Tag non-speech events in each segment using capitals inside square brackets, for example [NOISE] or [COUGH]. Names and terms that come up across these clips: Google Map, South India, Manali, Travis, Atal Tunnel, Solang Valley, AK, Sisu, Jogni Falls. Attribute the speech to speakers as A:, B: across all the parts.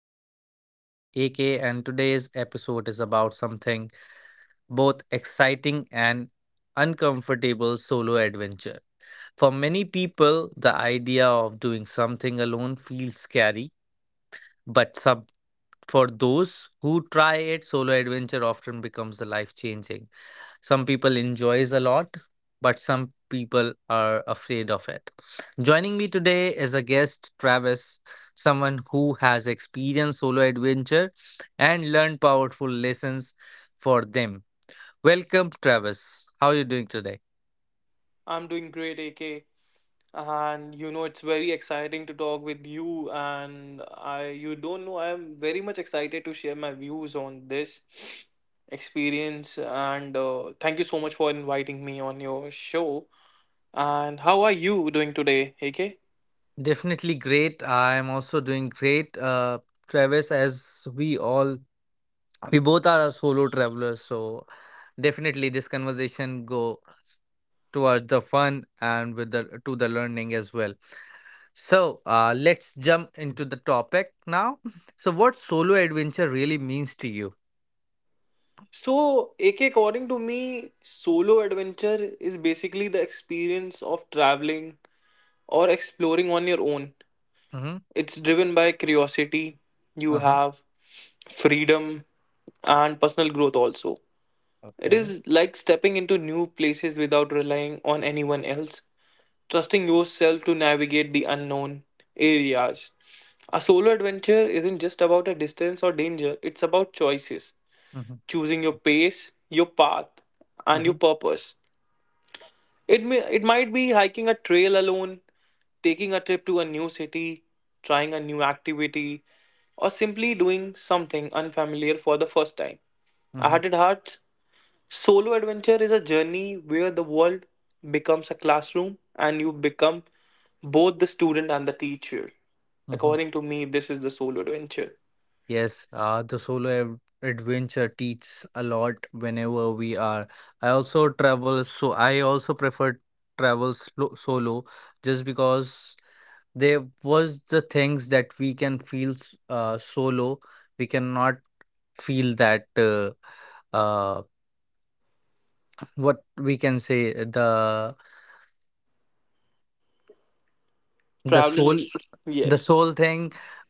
A: I'm your host AK and today's episode is about something both exciting and uncomfortable solo adventure. For many people, the idea of doing something alone feels scary, but sub for those who try it, solo adventure often becomes the life changing. Some people enjoys a lot, but some people are afraid of it. Joining me today is a guest, Travis, someone who has experienced solo adventure and learned powerful lessons for them. Welcome, Travis. How are you doing today?
B: I'm doing great, AK. It's very exciting to talk with you. And I, you don't know, I'm very much excited to share my views on this [SNIFFS] experience. And Thank you so much for inviting me on your show. And how are you doing today, AK?
A: Definitely great. I am also doing great, Travis. As we all, we both are solo travelers, so definitely this conversation go towards the fun and with the learning as well. So let's jump into the topic now. So, what solo adventure really means to you?
B: So, AK, according to me, solo adventure is basically the experience of traveling or exploring on your own.
A: Mm-hmm.
B: It's driven by curiosity you
A: Uh huh.
B: have, freedom and personal growth also. It
A: Okay.
B: is like stepping into new places without relying on anyone else, trusting yourself to navigate the unknown areas. A solo adventure isn't just about a distance or danger, it's about choices,
A: Mm-hmm.
B: choosing your pace, your path, and your
A: Mm-hmm.
B: purpose. It might be hiking a trail alone, taking a trip to a new city, trying a new activity, or simply doing something unfamiliar for the first time. I had
A: Mm-hmm.
B: it hard. Solo adventure is a journey where the world becomes a classroom and you become both the student and the teacher.
A: Mm-hmm.
B: According to me, this is the solo adventure.
A: Yes, the adventure teaches a lot whenever we are. I also travel, so I also prefer travel solo just because there was the things that we can feel solo. We cannot feel that. Uh, what we can say the
B: Traveling,
A: soul the
B: yes,
A: soul thing,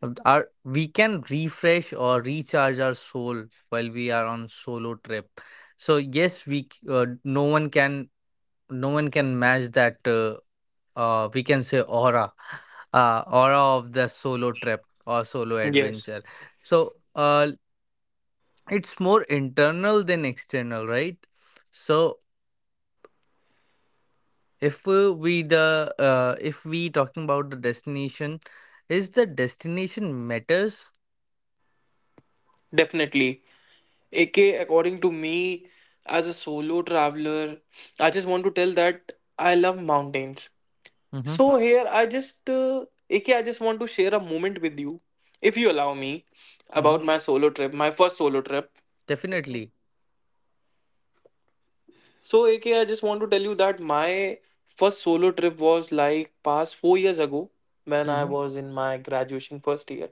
A: our we can refresh or recharge our soul while we are on solo trip. So yes, no one can match that, we can say aura, aura of the solo trip or solo
B: yes,
A: adventure. So it's more internal than external, right? So if we the if we talking about the destination, is the destination matters?
B: definitely. AK, according to me, as a solo traveler, I just want to tell that I love mountains.
A: Mm-hmm.
B: So here, AK, I just want to share a moment with you, if you allow me,
A: Mm-hmm.
B: about my solo trip, my first solo trip.
A: Definitely.
B: So, AK, I just want to tell you that my first solo trip was like past 4 years ago when I
A: Mm-hmm.
B: was in my graduation first year,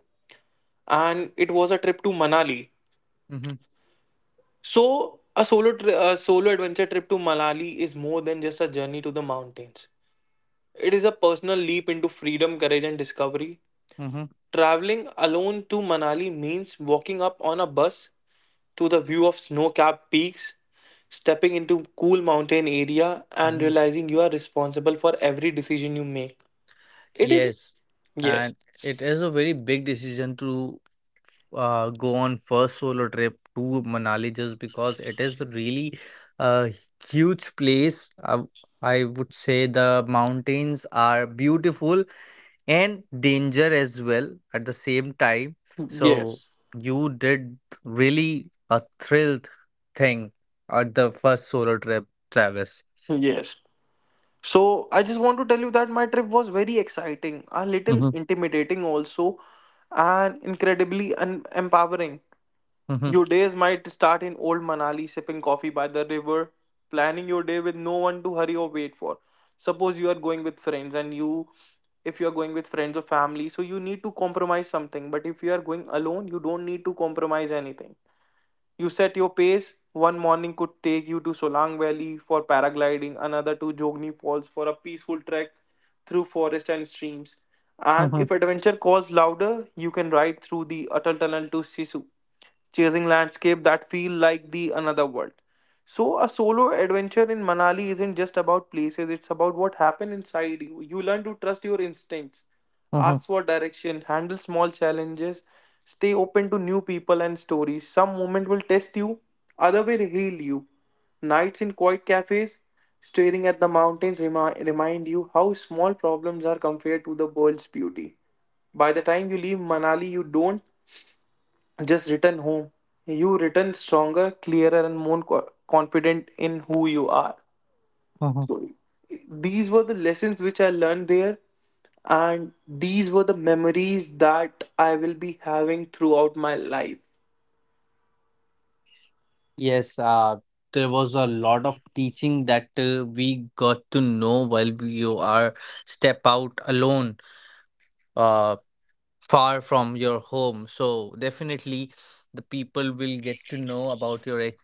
B: and it was a trip to Manali.
A: Mm-hmm.
B: So, a solo adventure trip to Manali is more than just a journey to the mountains. It is a personal leap into freedom, courage, and discovery.
A: Mm-hmm.
B: Traveling alone to Manali means walking up on a bus to the view of snow capped peaks, stepping into cool mountain area, and
A: Mm-hmm.
B: realizing you are responsible for every decision you make. It is,
A: Yes,
B: yes.
A: and it is a very big decision to go on first solo trip to Manali just because it is really a huge place. I would say the mountains are beautiful and danger as well at the same time. So
B: Yes,
A: you did really a thrilled thing at the first solo trip, Travis.
B: yes. So I just want to tell you that my trip was very exciting, a little
A: Hmm.
B: intimidating also, and incredibly un empowering.
A: Hmm.
B: Your days might start in old Manali, sipping coffee by the river, planning your day with no one to hurry or wait for. Suppose you are going with friends and you if you are going with friends or family so you need to compromise something, but if you are going alone you don't need to compromise anything. You set your pace. One morning could take you to solang valley for paragliding, another to jogni falls for a peaceful trek through forest and streams. And
A: Hmm.
B: if adventure calls louder, you can ride through the atal tunnel to sisu, chasing landscape that feel like the another world. So a solo adventure in Manali isn't just about places, it's about what happened inside you. You learn to trust your instincts, ask
A: Hmm.
B: for direction, handle small challenges, stay open to new people and stories. Some moment will test you, other will heal you. Nights in quiet cafes, staring at the mountains remind you how small problems are compared to the world's beauty. By the time you leave Manali, you don't just return home. You return stronger, clearer, and more confident in who you are.
A: Hmm.
B: So these were the lessons which I learned there, and these were the memories that I will be having throughout my life.
A: Yes, there was a lot of teaching that we got to know while we are step out alone. Uh, far from your home. So definitely, the people will get to know about your ex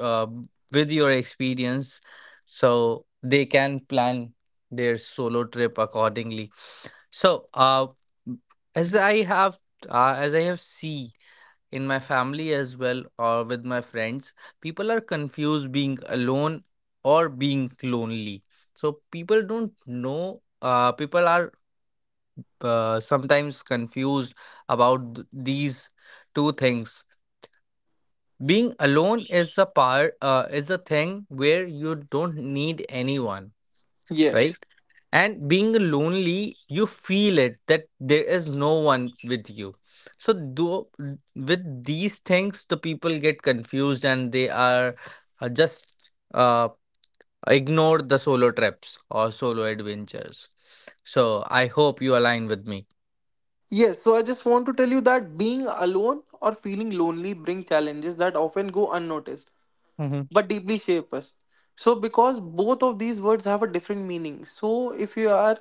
A: uh, with your experience, so they can plan their solo trip accordingly. So, as I have as I have see in my family as well or with my friends, people are confused being alone or being lonely. So people don't know. People are sometimes confused about these two things. Being alone is the part is the thing where you don't need anyone, right?
B: Yes.
A: And being lonely, you feel it that there is no one with you. So do, with these things, the people get confused and they are just uh, ignore the solo trips or solo adventures. So I hope you align with me.
B: Yes, so I just want to tell you that being alone or feeling lonely bring challenges that often go unnoticed,
A: Mm-hmm.
B: but deeply shape us. So, because both of these words have a different meaning. So, if you are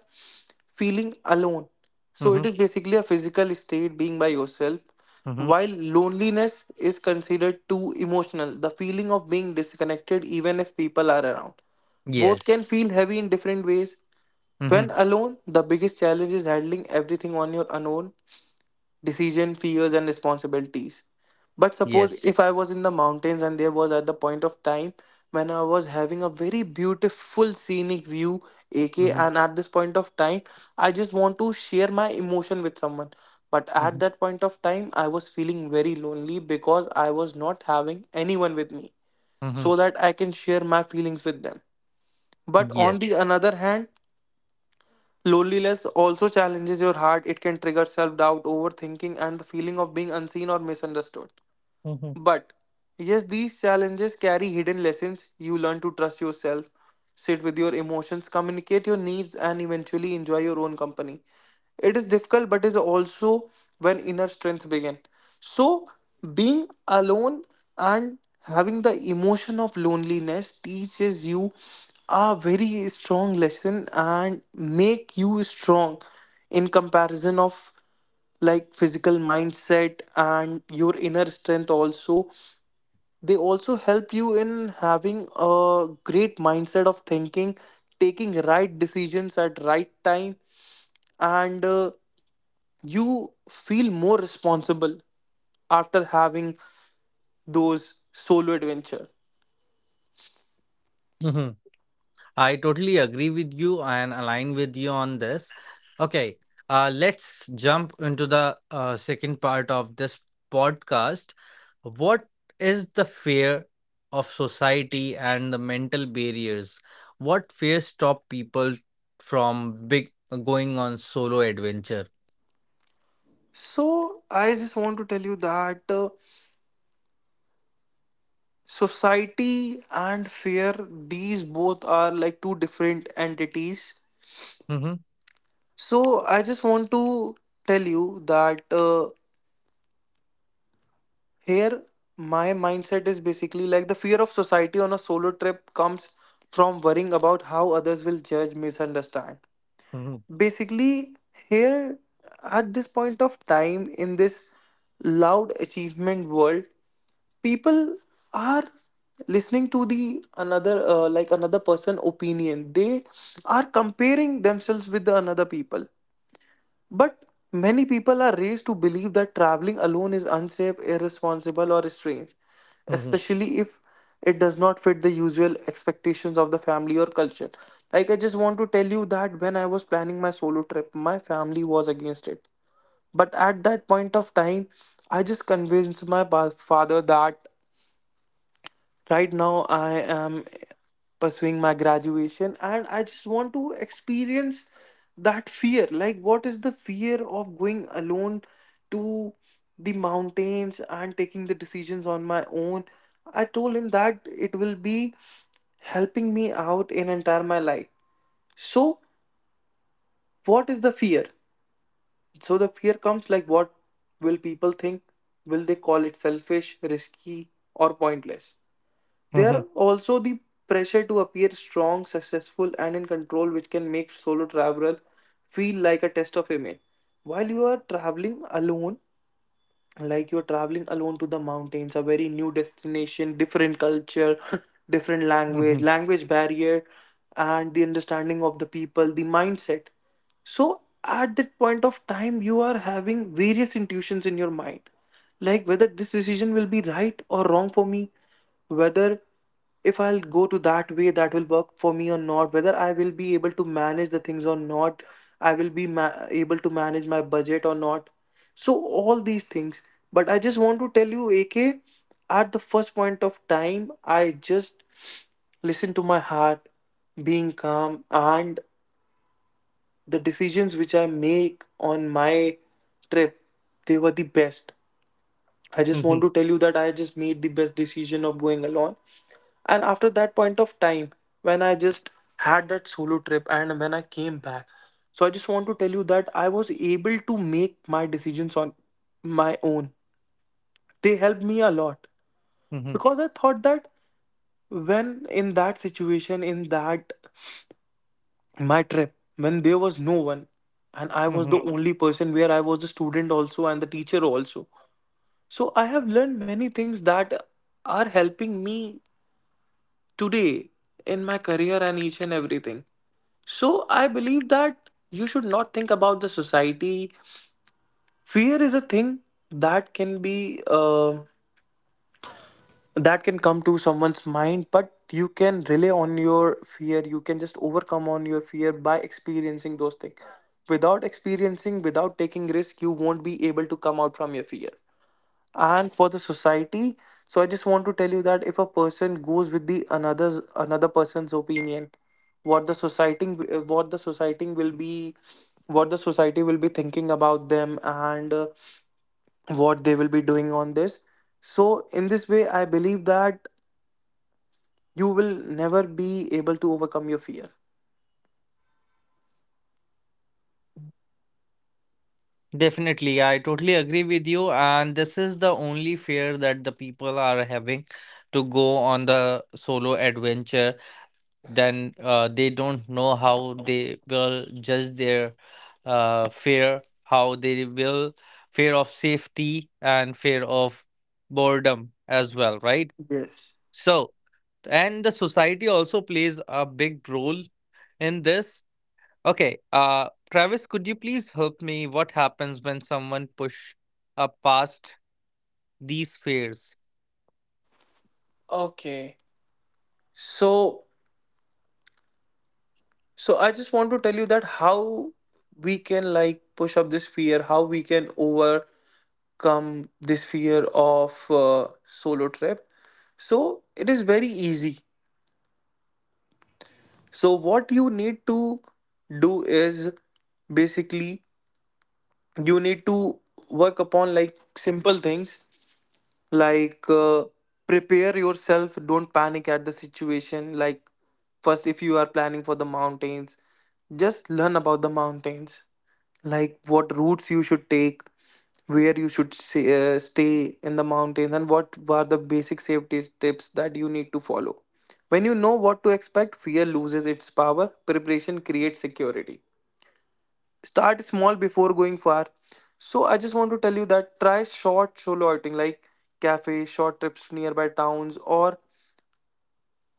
B: feeling alone, so
A: Mm-hmm.
B: it is basically a physical state being by yourself. While loneliness is considered too emotional, the feeling of being disconnected, even if people are around, both can
A: Yes.
B: feel heavy in different ways. When
A: Mhm.
B: alone, the biggest challenge is handling everything on your own: decision, fears, and responsibilities. But suppose
A: Yes.
B: if I was in the mountains and there was at the point of time when I was having a very beautiful scenic view, aka,
A: Mhm.
B: and at this point of time, I just want to share my emotion with someone. But at
A: Mhm.
B: that point of time, I was feeling very lonely because I was not having anyone with me so
A: Mhm.
B: that I can share my feelings with them. But on the
A: Yes.
B: another hand, loneliness also challenges your heart. It can trigger self doubt, overthinking, and the feeling of being unseen or misunderstood.
A: Mhm.
B: But yes, these challenges carry hidden lessons. You learn to trust yourself, sit with your emotions, communicate your needs, and eventually enjoy your own company. It is difficult, but is also when inner strength begin. So being alone and having the emotion of loneliness teaches you a very strong lesson and make you strong in comparison of like physical mindset and your inner strength also. They also help you in having a great mindset of thinking, taking right decisions at right time, and you feel more responsible after having those solo adventure.
A: Mhm. I totally agree with you and align with you on this. Okay. Let's jump into the second part of this podcast. What is the fear of society and the mental barriers? What fear stop people from big going on solo adventure?
B: So I just want to tell you that society and fear, these both are like two different entities.
A: Mm-hmm.
B: So I just want to tell you that here my mindset is basically like the fear of society on a solo trip comes from worrying about how others will judge, misunderstand.
A: Mm-hmm.
B: Basically, here at this point of time, in this loud achievement world, people are listening to the another person opinion. They are comparing themselves with the another people. But many people are raised to believe that traveling alone is unsafe, irresponsible, or strange,
A: Mm-hmm.
B: especially if it does not fit the usual expectations of the family or culture. Like, I just want to tell you that when I was planning my solo trip, my family was against it. But at that point of time, I just convinced my father that right now I am pursuing my graduation and I just want to experience that fear, like what is the fear of going alone to the mountains and taking the decisions on my own. I told him that it will be helping me out in entire my life. So what is the fear? So the fear comes like, what will people think? Will they call it selfish, risky, or pointless? There are also the pressure to appear strong, successful, and in control, which can make solo travel feel like a test of image. While you are traveling alone, like you're traveling alone to the mountains, a very new destination, different culture, [LAUGHS] different
A: Mm-hmm.
B: language, language barrier, and the understanding of the people, the mindset. So at that point of time, you are having various intuitions in your mind, like whether this decision will be right or wrong for me, whether if I'll go to that way that will work for me or not, whether I will be able to manage the things or not, I will be able to manage my budget or not. So, all these things. But I just want to tell you, AK, at the first point of time, I just listen to my heart, being calm, and the decisions which I make on my trip, they were the best. I just want to tell you that I just made the best decision of going alone. And after that point of time, when I just had that solo trip and when I came back, so I just want to tell you that I was able to make my decisions on my own. They helped me a lot
A: Mm-hmm.
B: because I thought that when in that situation, in that my trip, when there was no one and I was
A: Mhm.
B: the only person, where I was the student also and the teacher also. So I have learned many things that are helping me today in my career and each and everything. So I believe that you should not think about the society. Fear is a thing that can be that can come to someone's mind, but you can rely on your fear. You can just overcome on your fear by experiencing those things. Without experiencing, without taking risk, you won't be able to come out from your fear. And for the society, so I just want to tell you that if a person goes with the another's another person's opinion, what the society, what the society will be, what the society will be thinking about them, and what they will be doing on this. So in this way I believe that you will never be able to overcome your fear.
A: Definitely, yeah, I totally agree with you. And this is the only fear that the people are having to go on the solo adventure. Then they don't know how they will judge their fear, how they will fear of safety and fear of boredom as well, right?
B: Yes.
A: So, and the society also plays a big role in this. Okay, Travis, could you please help me? What happens when someone push past these fears?
B: Okay. So so I just want to tell you that how we can like push up this fear, how we can over. Come this fear of solo trip. So it is very easy. So what you need to do is basically you need to work upon like simple things, like prepare yourself, don't panic at the situation. Like first, if you are planning for the mountains, just learn about the mountains, like what routes you should take, where you should stay in the mountains, and what are the basic safety tips that you need to follow. When you know what to expect, fear loses its power. Preparation creates security. Start small before going far. So I just want to tell you that try short solo outing, like cafe, short trips to nearby towns, or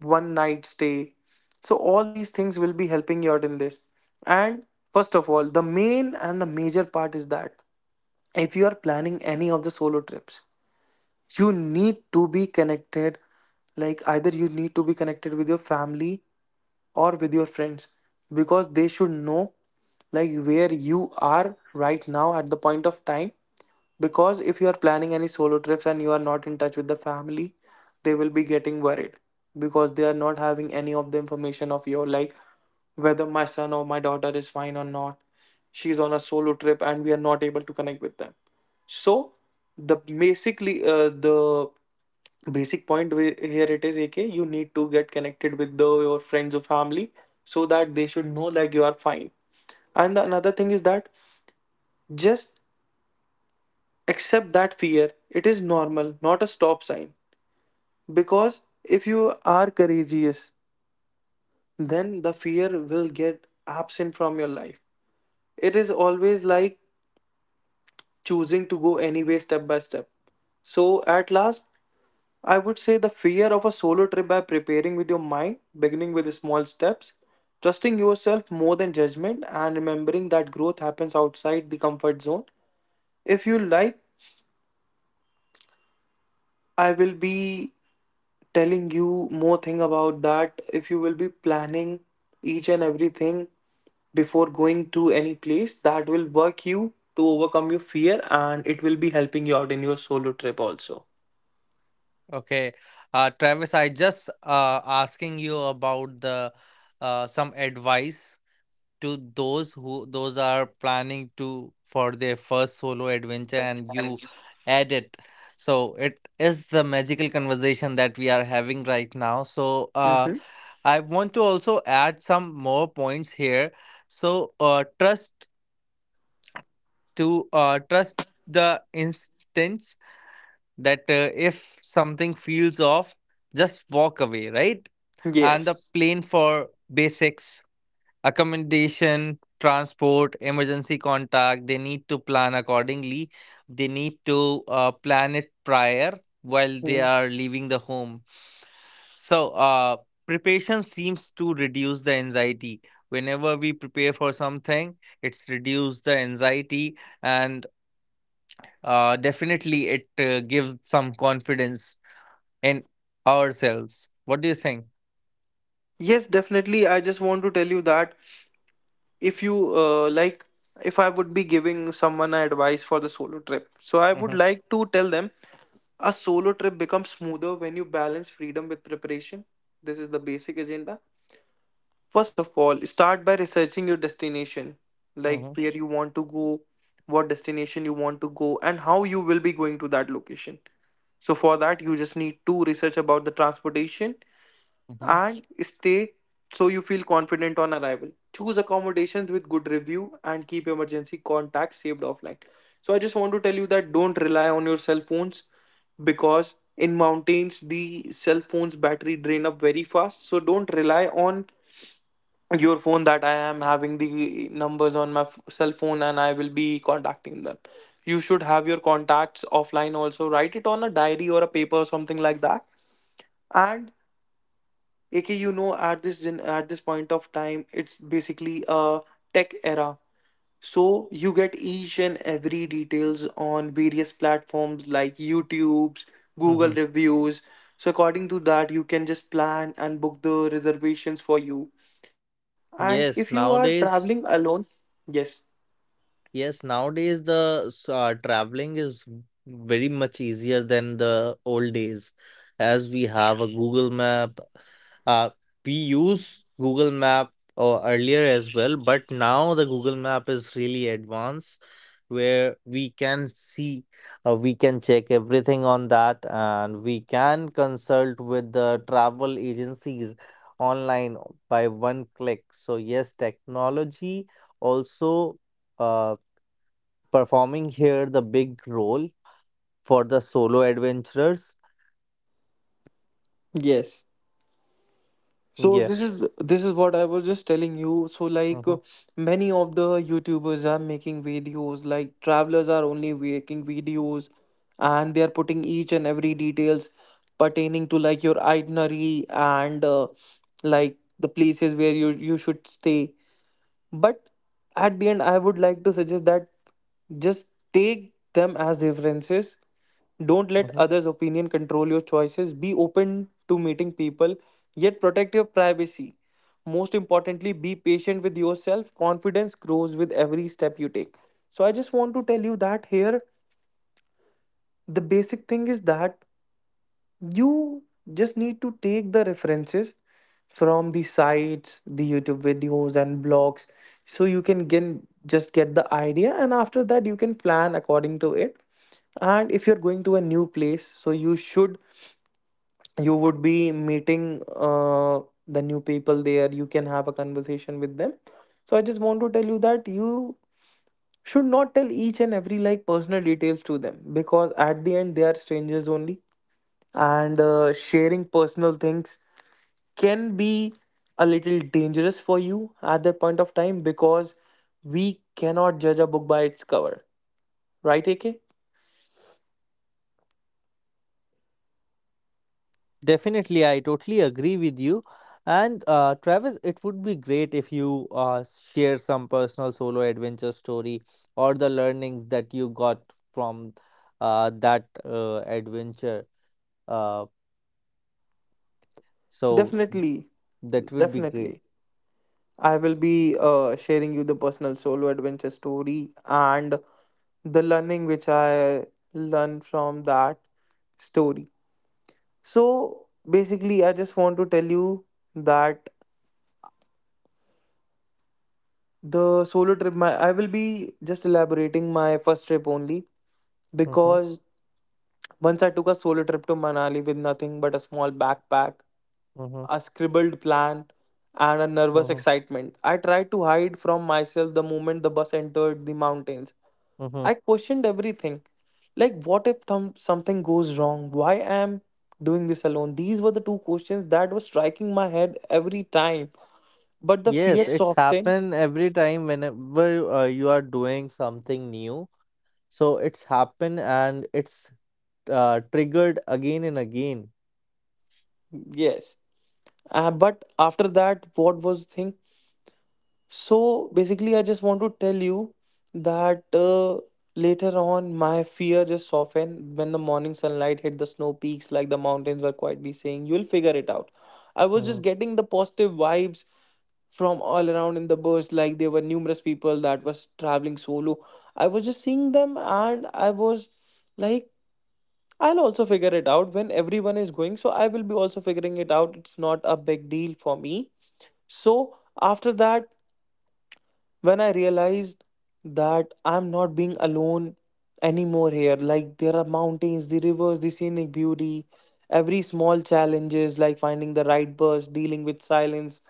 B: one night stay. So all these things will be helping you out in this. And first of all, the main and the major part is that if you are planning any of the solo trips, you need to be connected, like either you need to be connected with your family or with your friends, because they should know like where you are right now at the point of time. Because if you are planning any solo trips and you are not in touch with the family, they will be getting worried, because they are not having any of the information of your, like, whether my son or my daughter is fine or not. She's on a solo trip and we are not able to connect with them. So the basic point here it is, AK, you need to get connected with your friends or family, so that they should know that you are fine. And the another thing is that just accept that fear. It is normal, not a stop sign. Because if you are courageous, then the fear will get absent from your life. It is always like choosing to go anyway, step by step. So at last, I would say the fear of a solo trip by preparing with your mind, beginning with small steps, trusting yourself more than judgment, and remembering that growth happens outside the comfort zone. If you like, I will be telling you more thing about that. If you will be planning each and everything before going to any place, that will work you to overcome your fear, and it will be helping you out in your solo trip also.
A: Okay, Travis, I just asking you about the some advice to those who those are planning to for their first solo adventure and
B: And
A: you add it. So it is the magical conversation that we are having right now, so
B: hmm,
A: I want to also add some more points here. So, trust to trust the instance that if something feels off, just walk away, right? And the
B: yes.
A: plan for basics: accommodation, transport, emergency contact. They need to plan accordingly. They need to plan it prior while they
B: Mhm.
A: are leaving the home. So, preparation seems to reduce the anxiety. Whenever we prepare for something, it's reduced the anxiety and definitely it gives some confidence in ourselves. What do you think?
B: Yes, definitely. I just want to tell you that if you like if I would be giving someone advice for the solo trip, so I would
A: Mm-hmm.
B: like to tell them: a solo trip becomes smoother when you balance freedom with preparation. This is the basic agenda. First of all, start by researching your destination, like
A: Mm-hmm.
B: where you want to go, what destination you want to go, and how you will be going to that location. So, for that, you just need to research about the transportation
A: Mm-hmm.
B: and stay, so you feel confident on arrival. Choose accommodations with good review and keep emergency contacts saved offline. So I just want to tell you that don't rely on your cell phones, because in mountains the cell phone's battery drain up very fast. So don't rely on your phone that I am having the numbers on my cell phone and I will be contacting them. You should have your contacts offline also. Write it on a diary or a paper or something like that. And AK, you know, at at this point of time, it's basically a tech era. So you get each and every details on various platforms like YouTube's, Google
A: Mm-hmm.
B: reviews. So according to that, you can just plan and book the reservations for you. And
A: Yes,
B: if you are
A: nowadays.
B: traveling alone, yes.
A: Yes, nowadays the traveling is very much easier than the old days, as we have a Google Map. Uh, we use Google Map or earlier as well, but now the Google Map is really advanced, where we can see, we can check everything on that, and we can consult with the travel agencies online by one click. So yes, technology also. Uh, performing here the big role for the solo adventurers.
B: Yes. So
A: Yeah.
B: this is what I was just telling you. So like
A: Hmm.
B: many of the YouTubers are making videos, like travelers are only making videos, and they are putting each and every details pertaining to like your itinerary, and like the places where you should stay. But at the end, I would like to suggest that just take them as references. Don't let
A: Hmm.
B: others' opinion control your choices. Be open to meeting people, yet protect your privacy. Most importantly, be patient with yourself. Confidence grows with every step you take. So, I just want to tell you that here, the basic thing is that you just need to take the references from the sites, the YouTube videos, and blogs, so you can get, just get the idea. And after that, you can plan according to it. And if you're going to a new place, so you should, you would be meeting the new people there. You can have a conversation with them. So I just want to tell you that you should not tell each and every like personal details to them, because at the end they are strangers only, and sharing personal things can be a little dangerous for you at that point of time, because we cannot judge a book by its cover, right, AK?
A: Definitely, I totally agree with you. And Travis, it would be great if you share some personal solo adventure story or the learnings that you got from that adventure. Uh, so
B: Definitely,
A: that would be great.
B: definitely. I will be sharing you the personal solo adventure story and the learning which I learned from that story. So basically, I just want to tell you that the solo trip, my I will be just elaborating my first trip only
A: Hmm.
B: because once I took a solo trip to Manali with nothing but a small backpack,
A: Hmm.
B: a scribbled plan, and a nervous
A: Hmm.
B: excitement. I tried to hide from myself the moment the bus entered the mountains.
A: Hmm.
B: I questioned everything. Like, what if something goes wrong? Why am I doing this alone? These were the two questions that were striking my head every time. But the fear,
A: Yes,
B: yes,
A: it's
B: softened.
A: happened every time whenever you are doing something new. So it's happened and it's triggered again and again.
B: Yes. But after that, what was the thing? So basically, I just want to tell you that later on, my fear just softened when the morning sunlight hit the snow peaks, like the mountains were quietly saying, "You'll figure it out." I was
A: Hmm.
B: just getting the positive vibes from all around in the bus, like there were numerous people that was traveling solo. I was just seeing them, and I was like, I'll also figure it out. When everyone is going, so I will be also figuring it out. It's not a big deal for me. So after that, when I realized that I'm not being alone anymore here. Like there are mountains, the rivers, the scenic beauty, every small challenges like finding the right bus, dealing with silence,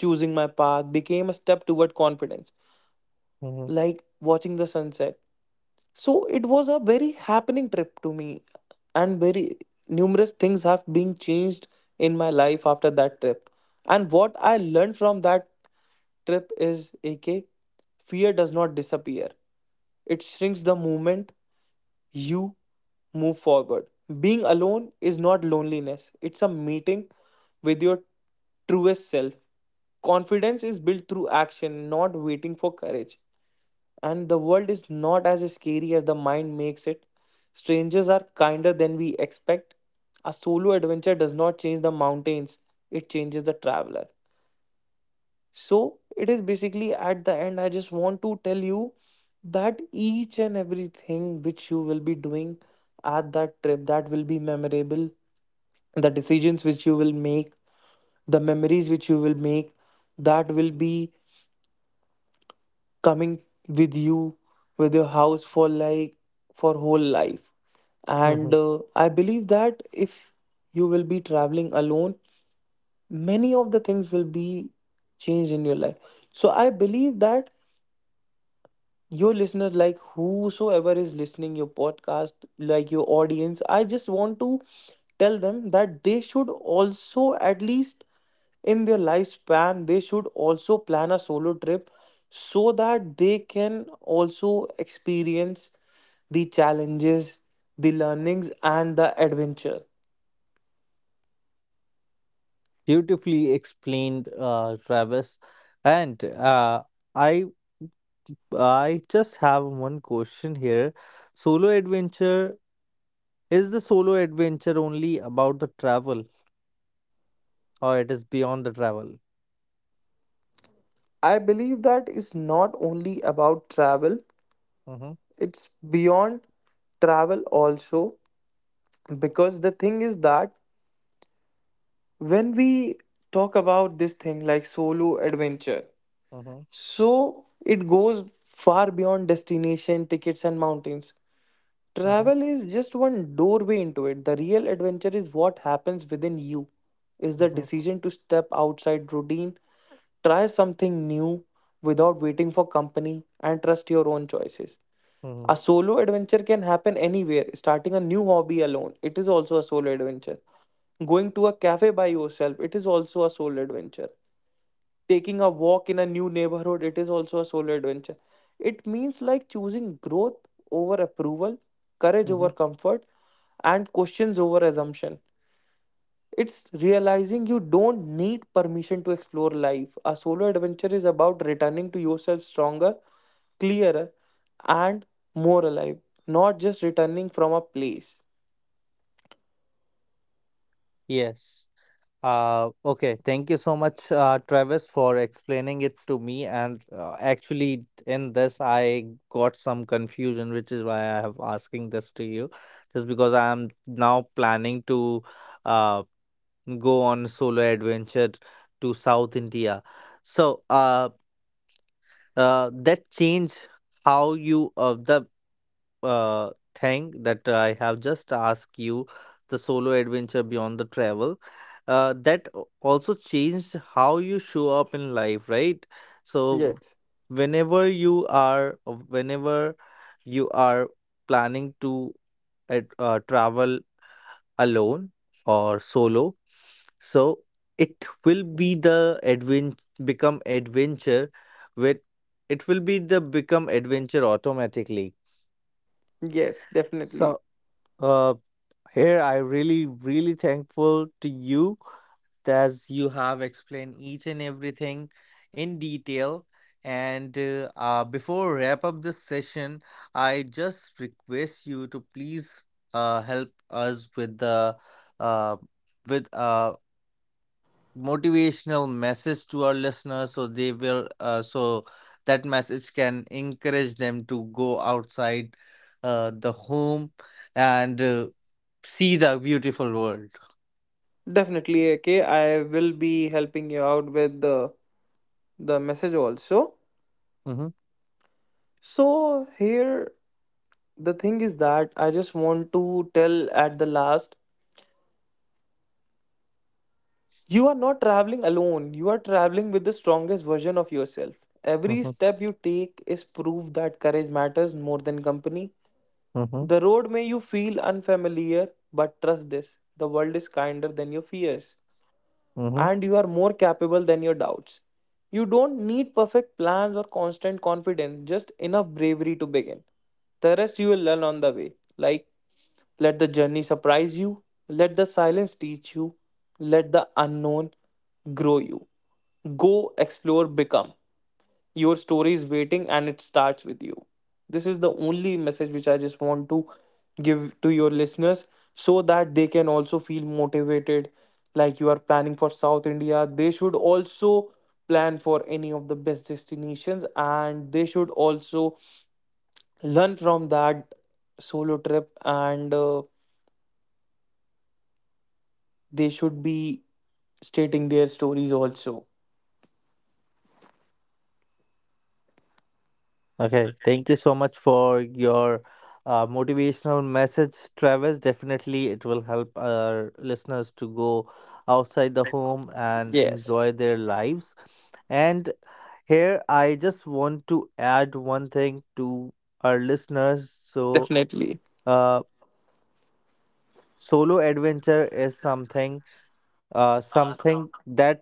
B: choosing my path became a step toward confidence,
A: Hmm.
B: like watching the sunset. So it was a very happening trip to me, and very numerous things have been changed in my life after that trip. And what I learned from that trip is, AK, fear does not disappear, it shrinks the moment you move forward. Being alone is not loneliness, it's a meeting with your truest self. Confidence is built through action, not waiting for courage. And the world is not as scary as the mind makes it. Strangers are kinder than we expect. A solo adventure does not change the mountains, it changes the traveler. So, it is basically at the end, I just want to tell you that each and everything which you will be doing at that trip, that will be memorable. The decisions which you will make, the memories which you will make, that will be coming with you, with your house, for like for whole life. And
A: Hmm.
B: I believe that if you will be traveling alone, many of the things will be changed in your life. So I believe that your listeners, like whosoever is listening your podcast, like your audience, I just want to tell them that they should also, at least in their lifespan, they should also plan a solo trip, so that they can also experience the challenges, the learnings, and the adventure.
A: Beautifully explained, Travis. And I I just have one question here. Solo adventure, is the solo adventure only about the travel or it is beyond the travel?
B: I believe that is not only about travel,
A: Mm-hmm.
B: it's beyond travel also. Because the thing is that when we talk about this thing like solo adventure,
A: Mm-hmm.
B: so it goes far beyond destination, tickets, and mountains.
A: Mm-hmm.
B: Travel is just one doorway into it. The real adventure is what happens within you, is the
A: Mm-hmm.
B: decision to step outside routine, try something new without waiting for company, and trust your own choices.
A: Mm-hmm.
B: A solo adventure can happen anywhere. Starting a new hobby alone, it is also a solo adventure. Going to a cafe by yourself, it is also a solo adventure. Taking a walk in a new neighborhood, it is also a solo adventure. It means like choosing growth over approval, courage
A: Mm-hmm.
B: over comfort, and questions over assumption. It's realizing you don't need permission to explore life. A solo adventure is about returning to yourself stronger, clearer, and more alive, not just returning from a place.
A: Yes. Okay, thank you so much, Travis, for explaining it to me. And actually, in this, I got some confusion, which is why I have asking this to you, just because I am now planning to uh, go on solo adventure to South India. So, that changed how you the thing that I have just asked you, the solo adventure beyond the travel, that also changed how you show up in life, right? So
B: Yes,
A: whenever you are planning to travel alone or solo, so it will be the advent become adventure. With it will be the become adventure automatically.
B: yes, definitely.
A: So. Uh, here I really, really thankful to you as you have explained each and everything in detail. And before wrap up this session, I just request you to please help us with the uh, with motivational message to our listeners so they will so that message can encourage them to go outside the home and see the beautiful world.
B: Definitely, okay. I will be helping you out with the message also.
A: Mhm.
B: So here the thing is that I just want to tell at the last, you are not traveling alone. You are traveling with the strongest version of yourself. Every
A: Mhm.
B: step you take is proof that courage matters more than company.
A: Mhm.
B: The road may you feel unfamiliar, but trust this, the world is kinder than your fears,
A: Mhm.
B: and you are more capable than your doubts. You don't need perfect plans or constant confidence, just enough bravery to begin. The rest you will learn on the way. Like, let the journey surprise you, let the silence teach you, let the unknown grow you. Go explore, become. Your story is waiting and it starts with you. This is the only message which I just want to give to your listeners, so that they can also feel motivated. Like, you are planning for South India? They should also plan for any of the best destinations, and they should also learn from that solo trip, and they should be stating their stories also.
A: Okay, thank you so much for your motivational message, Travis. Definitely, it will help our listeners to go outside the home and
B: Yes,
A: enjoy their lives. And here, I just want to add one thing to our listeners. So,
B: definitely.
A: uh, solo adventure is something, something that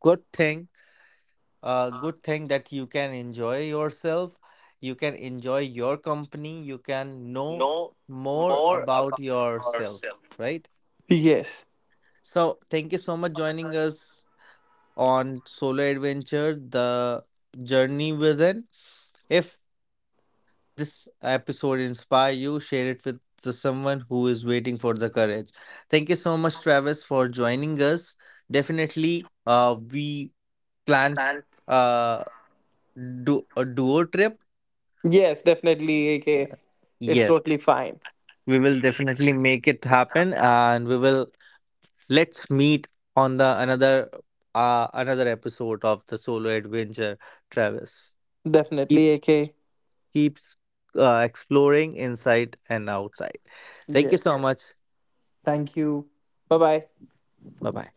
A: good thing a good thing that you can enjoy yourself, you can enjoy your company, you can know more about yourself, right?
B: Yes.
A: So, thank you so much joining us on Solo Adventure, the journey within. If this episode inspire you, share it with the someone who is waiting for the courage. Thank you so much, Travis, for joining us. Definitely, we plan uh, do a duo trip.
B: Yes, definitely, AK. It's
A: Yes,
B: totally fine.
A: we will definitely make it happen and we will let's meet on the another another episode of the solo adventure, Travis. Keep
B: Definitely, AK.
A: keeps exploring inside and outside. Thank you so
B: Yes.
A: much.
B: Thank you. Bye bye.
A: Bye bye.